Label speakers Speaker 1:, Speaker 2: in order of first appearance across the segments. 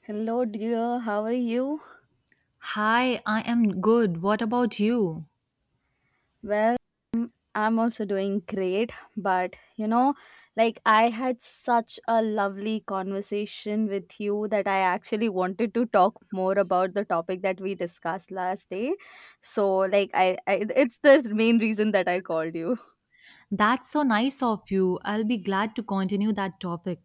Speaker 1: Hello, dear. How are you?
Speaker 2: Hi, I am good. What about you?
Speaker 1: Well, I'm also doing great, but you know, like I had such a lovely conversation with you that I actually wanted to talk more about the topic that we discussed last day. So, like, I it's the main reason that I called you.
Speaker 2: That's so nice of you. I'll be glad to continue that topic.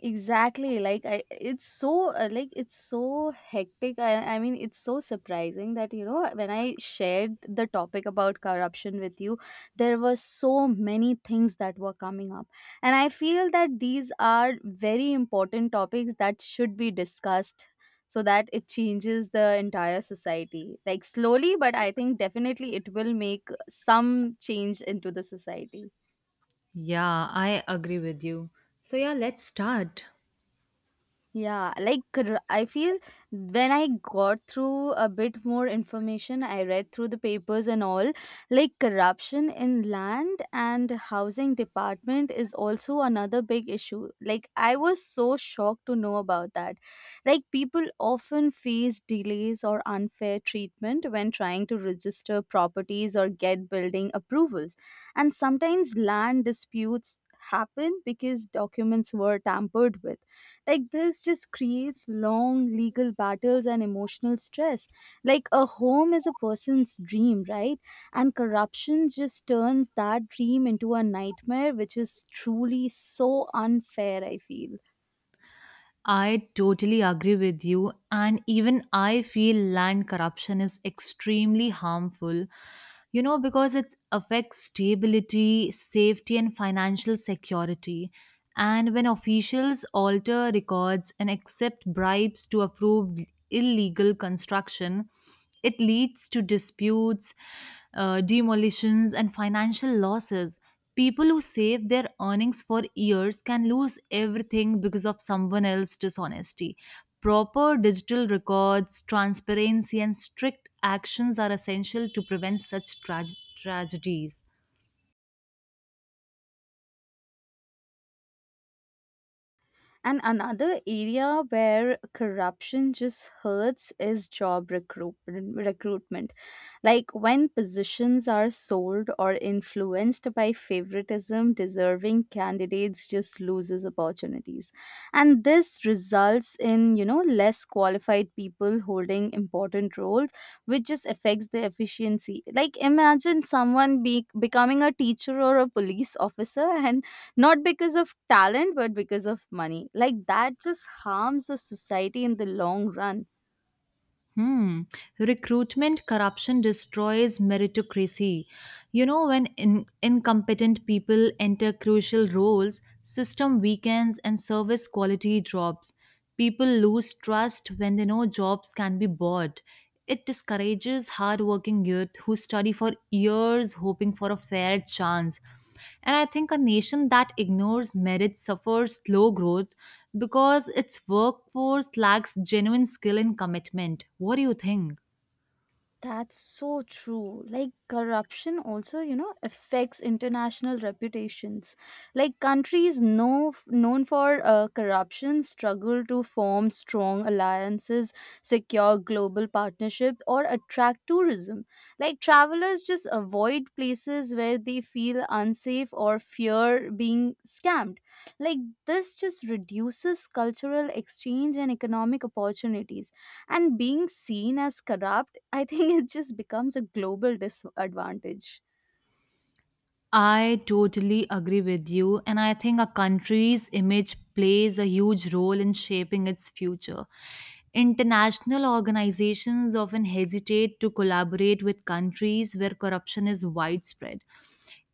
Speaker 1: Exactly. Like I it's so like it's so hectic. I mean it's so surprising that you know when I shared the topic about corruption with you, there were so many things that were coming up. And I feel that these are very important topics that should be discussed so that it changes the entire society. Like slowly, but I think definitely it will make some change into the society.
Speaker 2: Yeah, I agree with you. So, yeah, let's start.
Speaker 1: Yeah, I feel when I got through a bit more information, I read through the papers and all, like corruption in land and housing department is also another big issue. Like I was so shocked to know about that. Like people often face delays or unfair treatment when trying to register properties or get building approvals. And sometimes land disputes happen because documents were tampered with, like this just creates long legal battles and emotional stress. Like a home is a person's dream, right? And corruption just turns that dream into a nightmare, which is truly so unfair, I feel.
Speaker 2: I totally agree with you. And even I feel land corruption is extremely harmful, you know, because it affects stability, safety, and financial security. And when officials alter records and accept bribes to approve illegal construction, it leads to disputes, demolitions, and financial losses. People who save their earnings for years can lose everything because of someone else's dishonesty. Proper digital records, transparency, and strict actions are essential to prevent such tragedies.
Speaker 1: And another area where corruption just hurts is recruitment. Like when positions are sold or influenced by favoritism, deserving candidates just loses opportunities. And this results in, you know, less qualified people holding important roles, which just affects the efficiency. Like imagine someone becoming a teacher or a police officer, and not because of talent but because of money, like that just harms the society in the long run.
Speaker 2: Hmm. Recruitment corruption destroys meritocracy. You know, when incompetent people enter crucial roles, system weakens and service quality drops. People lose trust when they know jobs can be bought. It discourages hardworking youth who study for years hoping for a fair chance. And I think a nation that ignores merit suffers slow growth because its workforce lacks genuine skill and commitment. What do you think?
Speaker 1: That's so true. Like corruption also, you know, affects international reputations. Like countries known for corruption struggle to form strong alliances, secure global partnership, or attract tourism. Like travelers just avoid places where they feel unsafe or fear being scammed. Like this just reduces cultural exchange and economic opportunities, and being seen as corrupt, I think it just becomes a global disadvantage.
Speaker 2: I totally agree with you, and I think a country's image plays a huge role in shaping its future. International organizations often hesitate to collaborate with countries where corruption is widespread.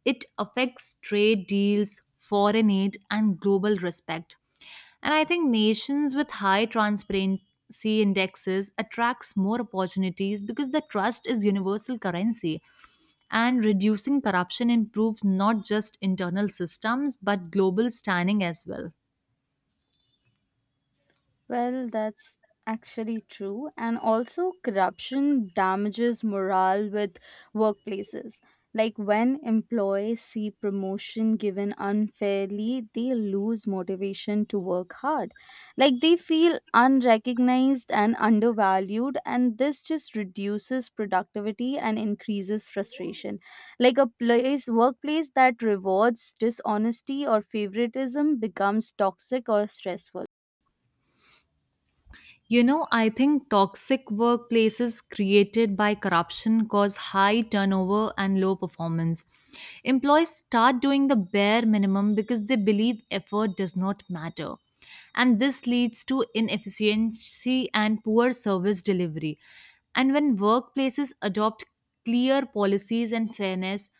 Speaker 2: It affects trade deals, foreign aid, and global respect. And I think nations with high transparency indexes attracts more opportunities because the trust is universal currency and reducing corruption improves not just internal systems but global standing as well.
Speaker 1: Well, that's actually true. And also, corruption damages morale with workplaces. Like when employees see promotion given unfairly, they lose motivation to work hard. Like they feel unrecognized and undervalued, and this just reduces productivity and increases frustration. Like a place, workplace that rewards dishonesty or favoritism becomes toxic or stressful.
Speaker 2: You know, I think toxic workplaces created by corruption cause high turnover and low performance. Employees start doing the bare minimum because they believe effort does not matter. And this leads to inefficiency and poor service delivery. And when workplaces adopt clear policies and fairness,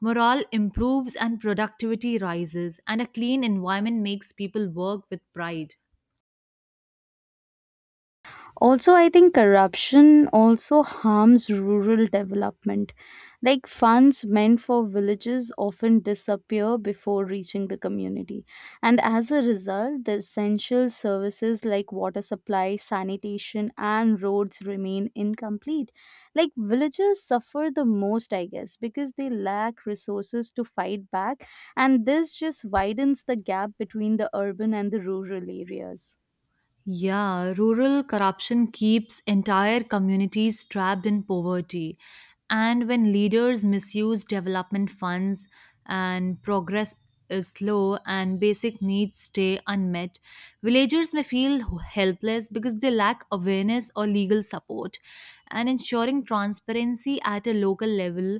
Speaker 2: morale improves and productivity rises, and a clean environment makes people work with pride.
Speaker 1: Also, I think corruption also harms rural development. Like funds meant for villages often disappear before reaching the community, and as a result the essential services like water supply, sanitation, and roads remain incomplete. Like villages suffer the most, I guess, because they lack resources to fight back, and this just widens the gap between the urban and the rural areas.
Speaker 2: Yeah, rural corruption keeps entire communities trapped in poverty. And when leaders misuse development funds and progress is slow and basic needs stay unmet, villagers may feel helpless because they lack awareness or legal support. And ensuring transparency at a local level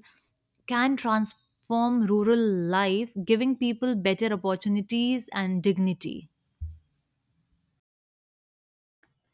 Speaker 2: can transform rural life, giving people better opportunities and dignity.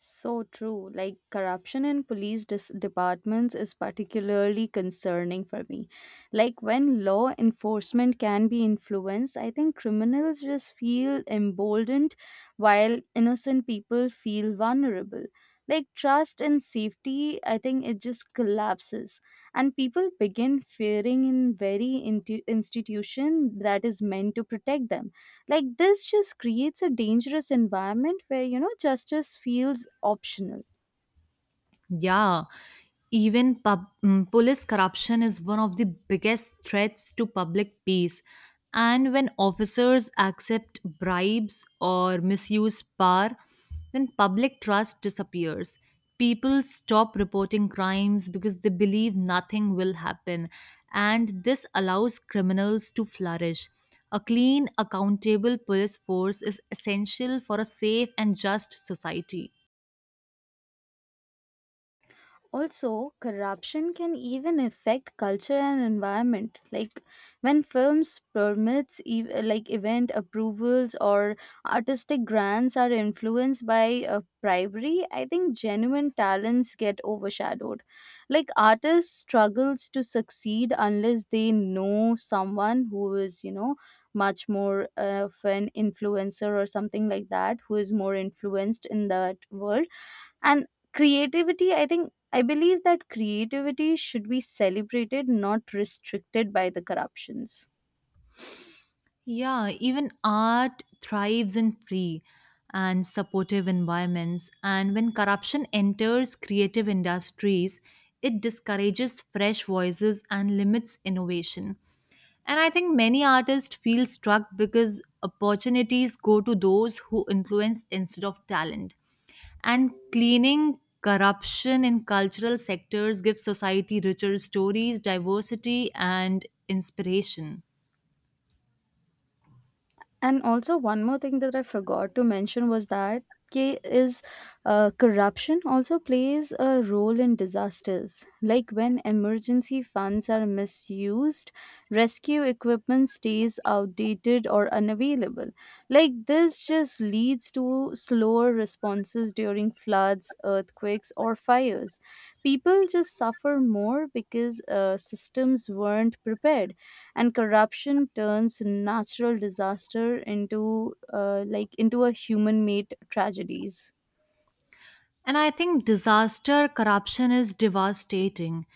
Speaker 1: So true. Like corruption in departments is particularly concerning for me. Like when law enforcement can be influenced, I think criminals just feel emboldened while innocent people feel vulnerable. Like trust and safety, I think it just collapses. And people begin fearing in very institution that is meant to protect them, like this just creates a dangerous environment where, you know, justice feels optional.
Speaker 2: Yeah, even police corruption is one of the biggest threats to public peace. And when officers accept bribes or misuse power, then public trust disappears. People stop reporting crimes because they believe nothing will happen. And this allows criminals to flourish. A clean, accountable police force is essential for a safe and just society.
Speaker 1: Also, corruption can even affect culture and environment. Like when films permits, like event approvals or artistic grants are influenced by bribery, I think genuine talents get overshadowed. Like artists struggles to succeed unless they know someone who is, you know, much more of an influencer or something like that, who is more influenced in that world, and creativity, I think, I believe that creativity should be celebrated, not restricted by the corruptions.
Speaker 2: Yeah, even art thrives in free and supportive environments. And when corruption enters creative industries, it discourages fresh voices and limits innovation. And I think many artists feel struck because opportunities go to those who influence instead of talent. And cleaning corruption in cultural sectors gives society richer stories, diversity, and inspiration.
Speaker 1: And also one more thing that I forgot to mention was that K is corruption also plays a role in disasters. Like when emergency funds are misused, rescue equipment stays outdated or unavailable. Like this just leads to slower responses during floods, earthquakes, or fires. People just suffer more because systems weren't prepared, and corruption turns natural disaster into a human made tragedies.
Speaker 2: And I think disaster corruption is devastating.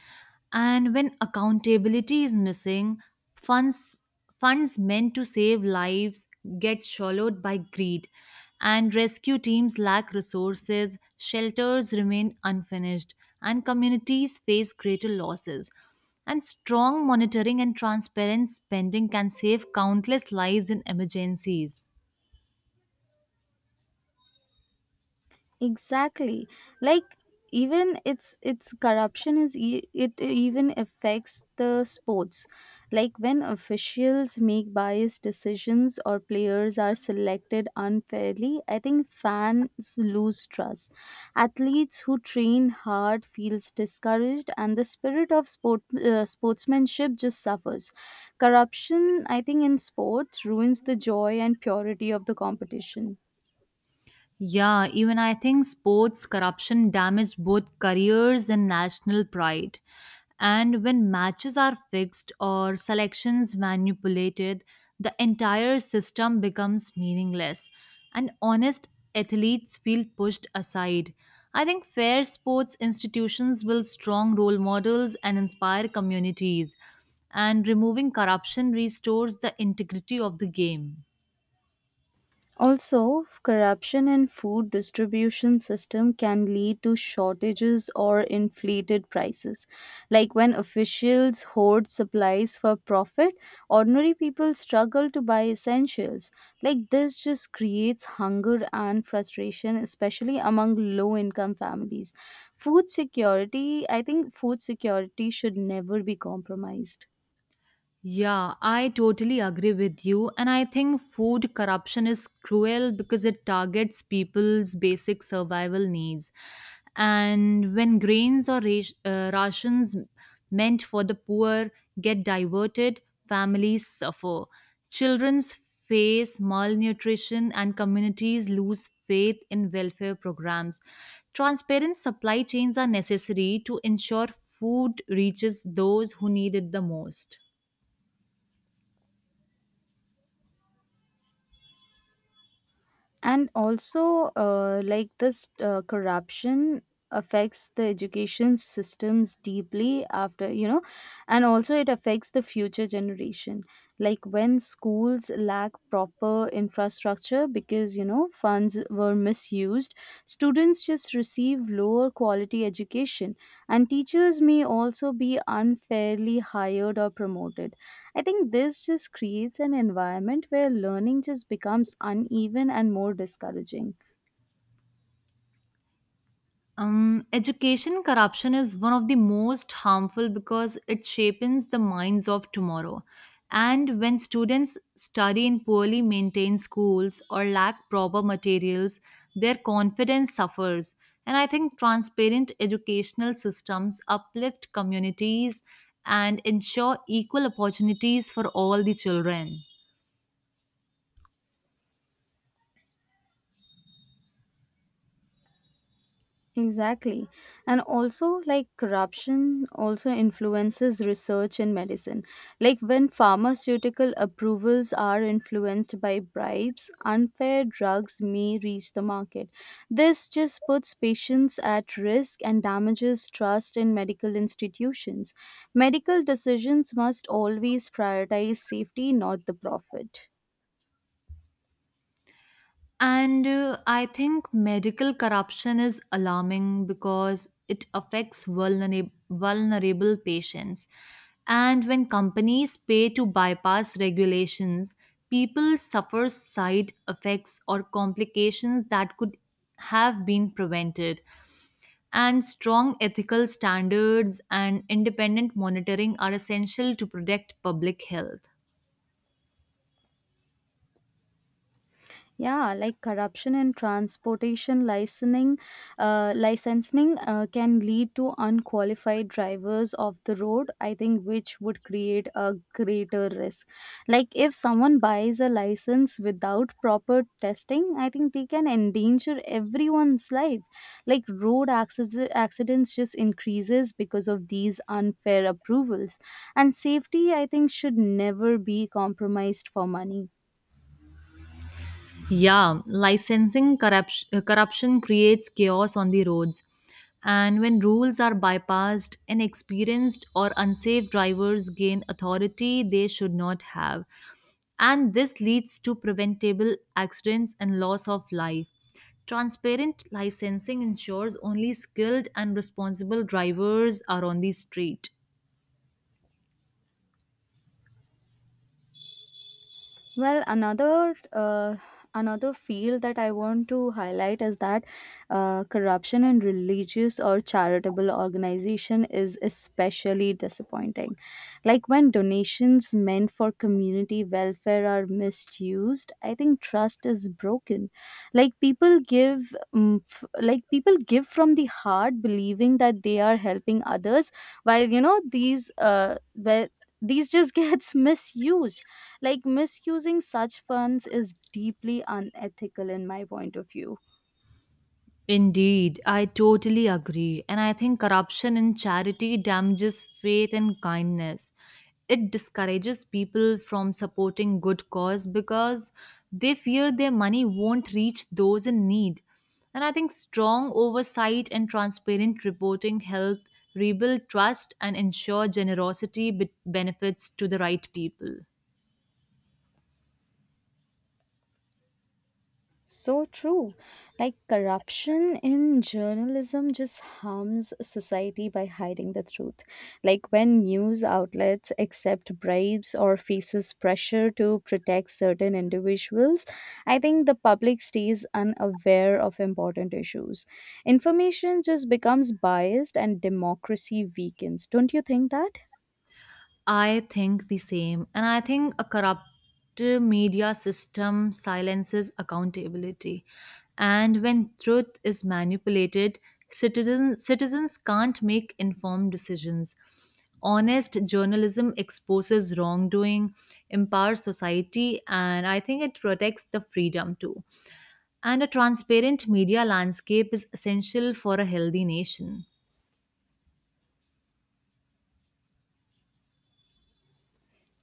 Speaker 2: And when accountability is missing, funds funds meant to save lives get swallowed by greed. And rescue teams lack resources, shelters remain unfinished, and communities face greater losses. And strong monitoring and transparent spending can save countless lives in emergencies.
Speaker 1: Exactly. Like even it's corruption is it even affects the sports. Like when officials make biased decisions or players are selected unfairly, I think fans lose trust. Athletes who train hard feels discouraged, and the spirit of sportsmanship just suffers. Corruption, I think, in sports ruins the joy and purity of the competition.
Speaker 2: Yeah, even I think sports corruption damage both careers and national pride. And when matches are fixed or selections manipulated, the entire system becomes meaningless and honest athletes feel pushed aside. I think fair sports institutions build strong role models and inspire communities, and removing corruption restores the integrity of the game.
Speaker 1: Also, corruption in food distribution system can lead to shortages or inflated prices. Like when officials hoard supplies for profit, ordinary people struggle to buy essentials. Like this just creates hunger and frustration, especially among low income families. Food security, I think food security should never be compromised.
Speaker 2: Yeah, I totally agree with you. And I think food corruption is cruel because it targets people's basic survival needs. And when grains or rations meant for the poor get diverted, families suffer. Children's face malnutrition and communities lose faith in welfare programs. Transparent supply chains are necessary to ensure food reaches those who need it the most.
Speaker 1: And also like this corruption affects the education systems deeply, after you know, and also it affects the future generation. Like when schools lack proper infrastructure because, you know, funds were misused, students just receive lower quality education, and teachers may also be unfairly hired or promoted. I think this just creates an environment where learning just becomes uneven and more discouraging.
Speaker 2: Education corruption is one of the most harmful because it shapes the minds of tomorrow. And when students study in poorly maintained schools or lack proper materials, their confidence suffers. And I think transparent educational systems uplift communities and ensure equal opportunities for all the children.
Speaker 1: Exactly. And also, like corruption also influences research in medicine. Like when pharmaceutical approvals are influenced by bribes, unfair drugs may reach the market. This just puts patients at risk and damages trust in medical institutions. Medical decisions must always prioritize safety, not the profit.
Speaker 2: And I think medical corruption is alarming because it affects vulnerable patients. And when companies pay to bypass regulations, people suffer side effects or complications that could have been prevented. And strong ethical standards and independent monitoring are essential to protect public health.
Speaker 1: Yeah, like corruption in transportation licensing, can lead to unqualified drivers of the road, I think, which would create a greater risk. Like if someone buys a license without proper testing, I think they can endanger everyone's life. Like road accidents just increases because of these unfair approvals, and safety, I think, should never be compromised for money.
Speaker 2: Yeah, corruption creates chaos on the roads. And when rules are bypassed, inexperienced or unsafe drivers gain authority they should not have. And this leads to preventable accidents and loss of life. Transparent licensing ensures only skilled and responsible drivers are on the street.
Speaker 1: Well, another field that I want to highlight is that corruption in religious or charitable organization is especially disappointing. Like when donations meant for community welfare are misused, I think trust is broken. Like people give, like people give from the heart, believing that they are helping others, while, you know, these these just gets misused, like misusing such funds is deeply unethical in my point of view.
Speaker 2: Indeed, I totally agree. And I think corruption in charity damages faith and kindness. It discourages people from supporting good cause because they fear their money won't reach those in need. And I think strong oversight and transparent reporting help rebuild trust and ensure generosity benefits to the right people.
Speaker 1: So true. Like corruption in journalism just harms society by hiding the truth. Like when news outlets accept bribes or faces pressure to protect certain individuals, I think the public stays unaware of important issues. Information just becomes biased and democracy weakens. Don't you think that?
Speaker 2: I think the same. And I think a corrupt media system silences accountability. And when truth is manipulated, citizens can't make informed decisions. Honest journalism exposes wrongdoing, empowers society, and I think it protects the freedom too. And a transparent media landscape is essential for a healthy nation.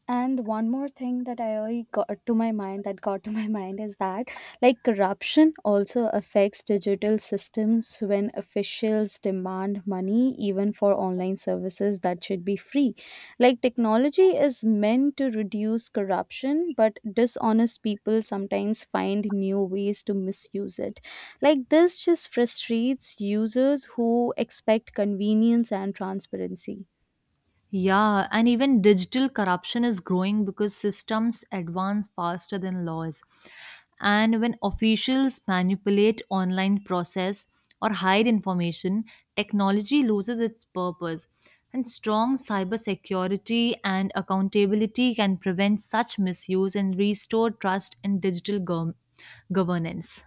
Speaker 1: And one more thing that I got to my mind, that got to my mind, is that like corruption also affects digital systems when officials demand money even for online services that should be free. Like technology is meant to reduce corruption, but dishonest people sometimes find new ways to misuse it. Like this just frustrates users who expect convenience and transparency.
Speaker 2: Yeah, and even digital corruption is growing because systems advance faster than laws. And when officials manipulate online process or hide information, technology loses its purpose. And strong cybersecurity and accountability can prevent such misuse and restore trust in digital governance.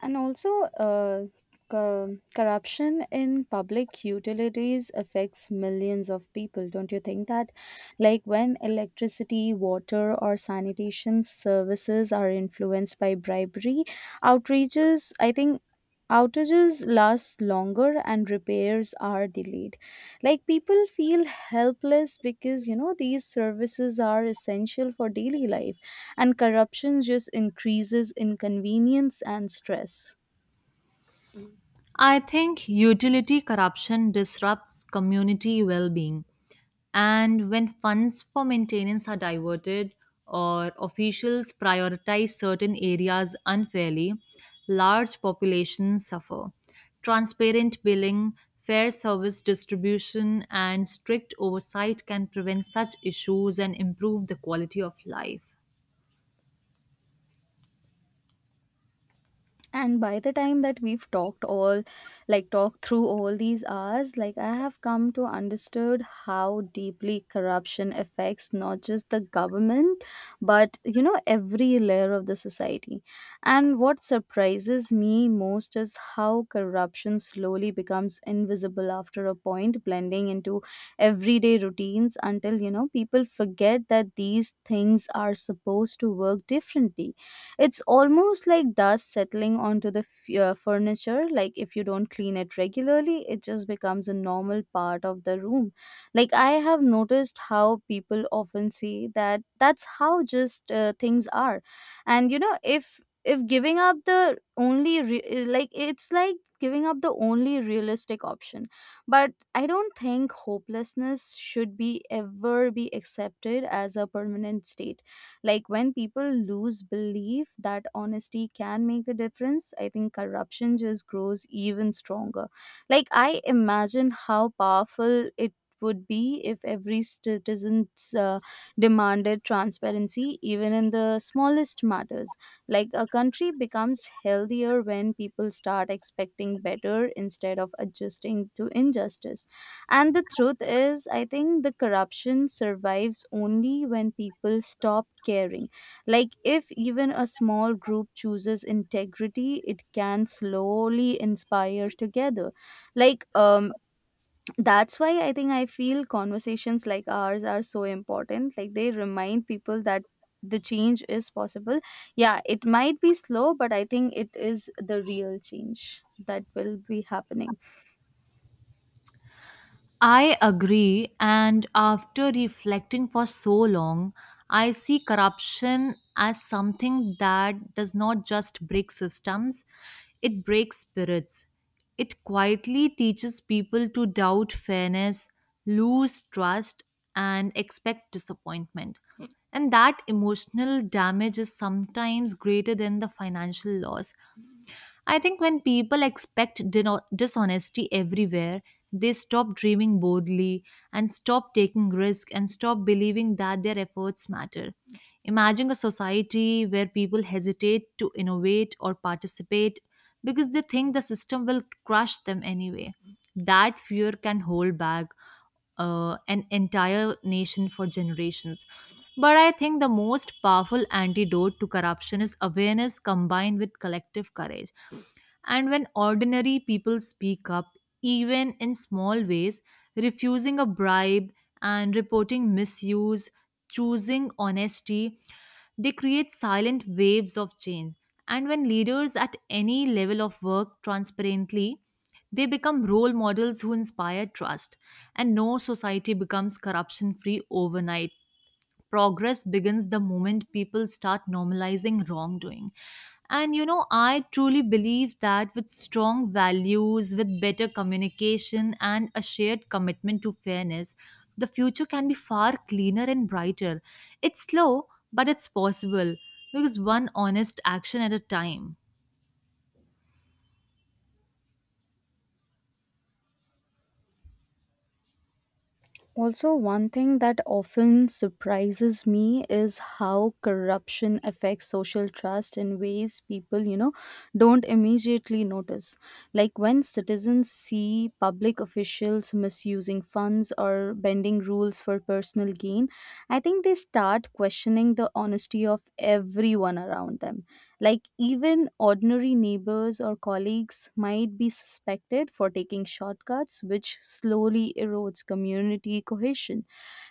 Speaker 1: And also, uh, corruption in public utilities affects millions of people. Don't you think that? Like when electricity, water, or sanitation services are influenced by bribery, outrages, I think. Outages last longer and repairs are delayed. Like people feel helpless because, you know, these services are essential for daily life, and corruption just increases inconvenience and stress.
Speaker 2: I think utility corruption disrupts community well being. And when funds for maintenance are diverted or officials prioritize certain areas unfairly, large populations suffer. Transparent billing, fair service distribution, and strict oversight can prevent such issues and improve the quality of life.
Speaker 1: And by the time that we've talked all like talked through all these hours, like I have come to understood how deeply corruption affects not just the government but, you know, every layer of the society. And what surprises me most is how corruption slowly becomes invisible after a point, blending into everyday routines until, you know, people forget that these things are supposed to work differently. It's almost like dust settling onto the furniture. Like if you don't clean it regularly, it just becomes a normal part of the room. Like I have noticed how people often say that that's how just things are. And you know, if giving up like it's like giving up the only realistic option, but I don't think hopelessness should be ever be accepted as a permanent state. Like when people lose belief that honesty can make a difference, I think corruption just grows even stronger. Like I imagine how powerful it would be if every citizen's demanded transparency even in the smallest matters. Like a country becomes healthier when people start expecting better instead of adjusting to injustice, and the truth is, I think, the corruption survives only when people stop caring. Like, if even a small group chooses integrity, it can slowly inspire together. Like, um, that's why I think I feel conversations like ours are so important. Like, they remind people that the change is possible. Yeah, it might be slow, but I think it is the real change that will be happening.
Speaker 2: I agree, and after reflecting for so long, I see corruption as something that does not just break systems, it breaks spirits. It quietly teaches people to doubt fairness, lose trust, and expect disappointment. And that emotional damage is sometimes greater than the financial loss. I think when people expect dishonesty everywhere, they stop dreaming boldly and stop taking risk and stop believing that their efforts matter. Imagine a society where people hesitate to innovate or participate because they think the system will crush them anyway. That fear can hold back an entire nation for generations. But I think the most powerful antidote to corruption is awareness combined with collective courage. And when ordinary people speak up, even in small ways, refusing a bribe and reporting misuse, choosing honesty, they create silent waves of change. And when leaders at any level of work transparently, they become role models who inspire trust. And no society becomes corruption free overnight. Progress begins the moment people start normalizing wrongdoing. And you know, I truly believe that with strong values, with better communication, and a shared commitment to fairness, the future can be far cleaner and brighter. It's slow, but it's possible because one honest action at a time.
Speaker 1: Also, one thing that often surprises me is how corruption affects social trust in ways people, you know, don't immediately notice. Like when citizens see public officials misusing funds or bending rules for personal gain, I think they start questioning the honesty of everyone around them. Like, even ordinary neighbors or colleagues might be suspected for taking shortcuts, which slowly erodes community cohesion.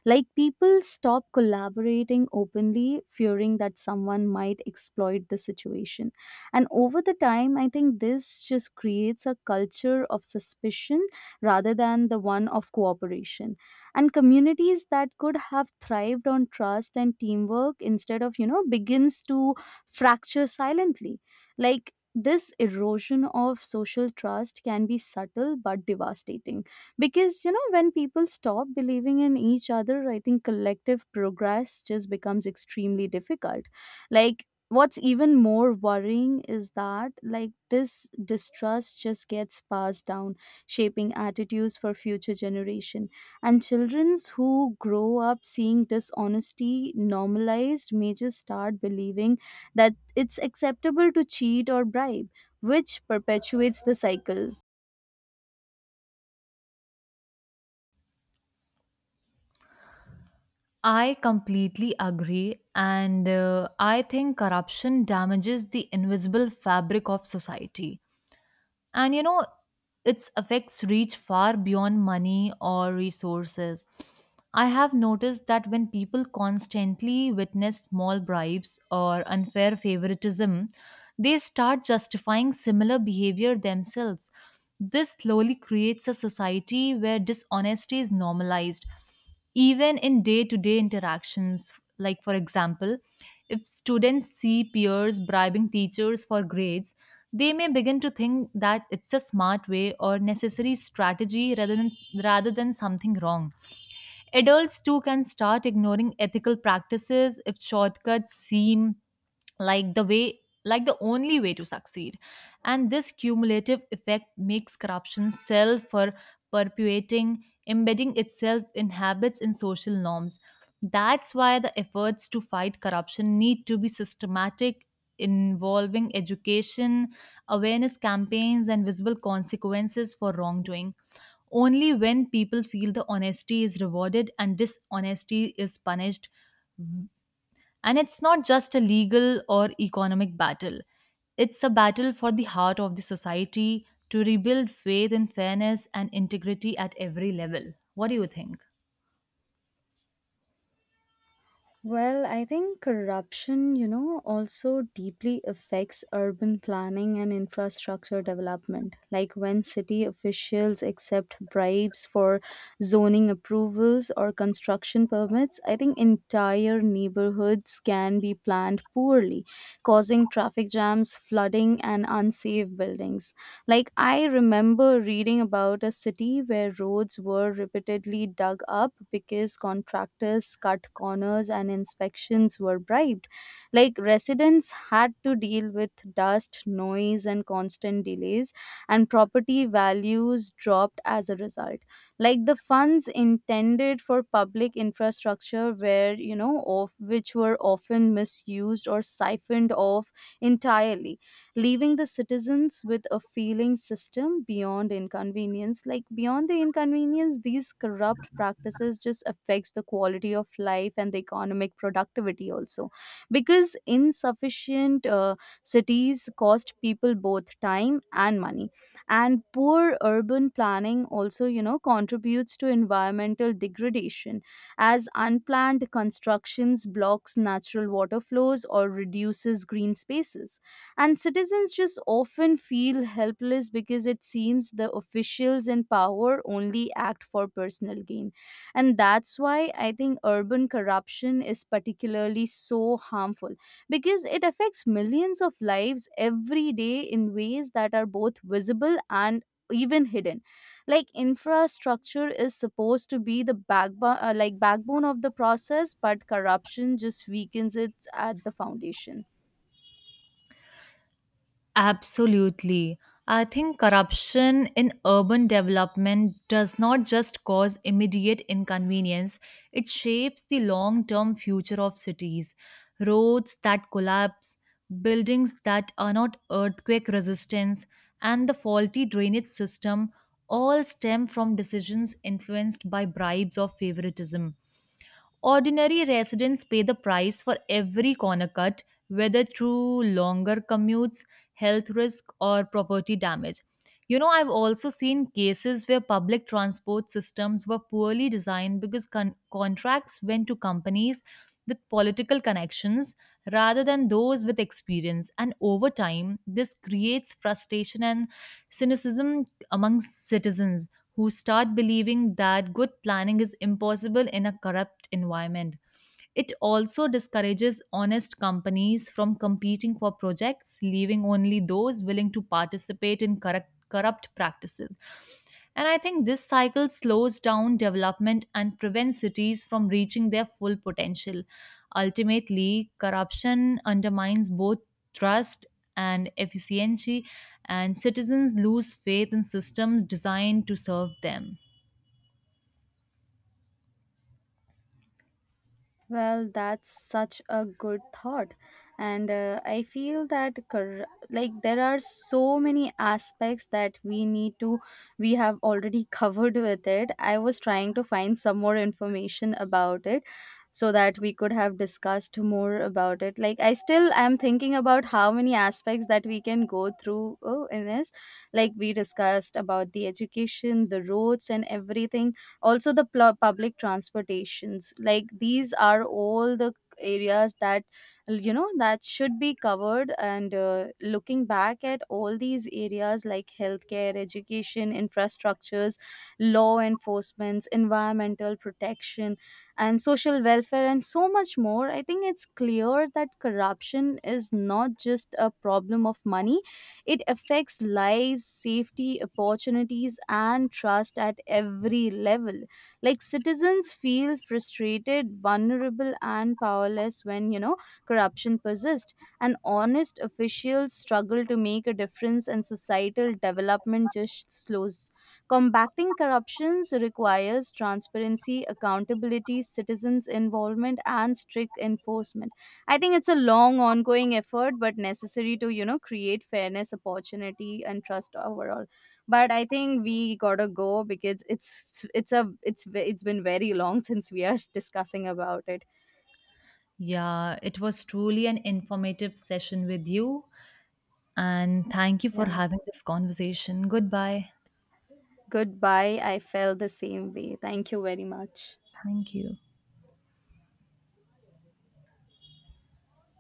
Speaker 1: Like people stop collaborating openly, fearing that someone might exploit the situation. And over the time, I think this just creates a culture of suspicion rather than the one of cooperation. And communities that could have thrived on trust and teamwork instead of begins to fracture silently. Like this erosion of social trust can be subtle but devastating because when people stop believing in each other, I think collective progress just becomes extremely difficult. Like, what's even more worrying is that, like, this distrust just gets passed down, shaping attitudes for future generation. And childrens who grow up seeing dishonesty normalized may just start believing that it's acceptable to cheat or bribe, which perpetuates the cycle.
Speaker 2: I completely agree, and I think corruption damages the invisible fabric of society. And you know, its effects reach far beyond money or resources. I have noticed that when people constantly witness small bribes or unfair favoritism, they start justifying similar behavior themselves. This slowly creates a society where dishonesty is normalized even in day to day interactions. Like, for example, if students see peers bribing teachers for grades, they may begin to think that it's a smart way or necessary strategy rather than something wrong. Adults too can start ignoring ethical practices if shortcuts seem like the way like the only way to succeed, and this cumulative effect makes corruption self for perpetuating, embedding itself in habits and social norms. That's why the efforts to fight corruption need to be systematic, involving education, awareness campaigns, and visible consequences for wrongdoing. Only when people feel the honesty is rewarded and dishonesty is punished, and it's not just a legal or economic battle, it's a battle for the heart of the society to rebuild faith in fairness and integrity at every level. What do you think?
Speaker 1: Well, I think corruption, also deeply affects urban planning and infrastructure development. Like when city officials accept bribes for zoning approvals or construction permits, I think entire neighborhoods can be planned poorly, causing traffic jams, flooding, and unsafe buildings. Like, I remember reading about a city where roads were repeatedly dug up because contractors cut corners and inspections were bribed. Like, residents had to deal with dust, noise, and constant delays, and property values dropped as a result. Like, the funds intended for public infrastructure were, of which were often misused or siphoned off entirely, leaving the citizens with a feeling system beyond inconvenience. Like, beyond the inconvenience, these corrupt practices just affects the quality of life and the economic productivity also, because insufficient cities cost people both time and money. And poor urban planning also, contributes to environmental degradation, as unplanned constructions blocks natural water flows or reduces green spaces. And citizens just often feel helpless because it seems the officials in power only act for personal gain. And that's why I think urban corruption is particularly so harmful, because it affects millions of lives every day in ways that are both visible and even hidden. Like, infrastructure is supposed to be the backbone, like backbone of the process, but corruption just weakens it at the foundation.
Speaker 2: Absolutely. I think corruption in urban development does not just cause immediate inconvenience, it shapes the long term future of cities. Roads that collapse, buildings that are not earthquake resistant, and the faulty drainage system all stem from decisions influenced by bribes or favoritism. Ordinary residents pay the price for every corner cut, whether through longer commutes, health risk, or property damage. You know, I've also seen cases where public transport systems were poorly designed because contracts went to companies with political connections rather than those with experience. And over time, this creates frustration and cynicism among citizens who start believing that good planning is impossible in a corrupt environment. It also discourages honest companies from competing for projects, leaving only those willing to participate in corrupt practices. And I think this cycle slows down development and prevents cities from reaching their full potential. Ultimately, corruption undermines both trust and efficiency, and citizens lose faith in systems designed to serve them.
Speaker 1: Well, that's such a good thought. And I feel that like, there are so many aspects that we have already covered with it. I was trying to find some more information about it so that we could have discussed more about it. Like, I still am thinking about how many aspects that we can go through in this. Like, we discussed about the education, the roads and everything, also the public transportations. Like, these are all the areas that that should be covered. And looking back at all these areas like healthcare, education, infrastructures, law enforcement, environmental protection, and social welfare, and so much more, I think it's clear that corruption is not just a problem of money. It affects lives, safety, opportunities, and trust at every level. Like, citizens feel frustrated, vulnerable, and powerless when, corruption persists. And honest officials struggle to make a difference, and societal development just slows. Combating corruptions requires transparency, accountability, citizens' involvement, and strict enforcement. I think it's a long ongoing effort but necessary to create fairness, opportunity, and trust overall. But I think we got to go because it's a it's ve- it's been very long since we are discussing about it.
Speaker 2: Yeah, it was truly an informative session with you, and thank you for
Speaker 1: Yeah,
Speaker 2: having this conversation. Goodbye.
Speaker 1: goodbye. I felt the same way. Thank you very much.
Speaker 2: Thank you.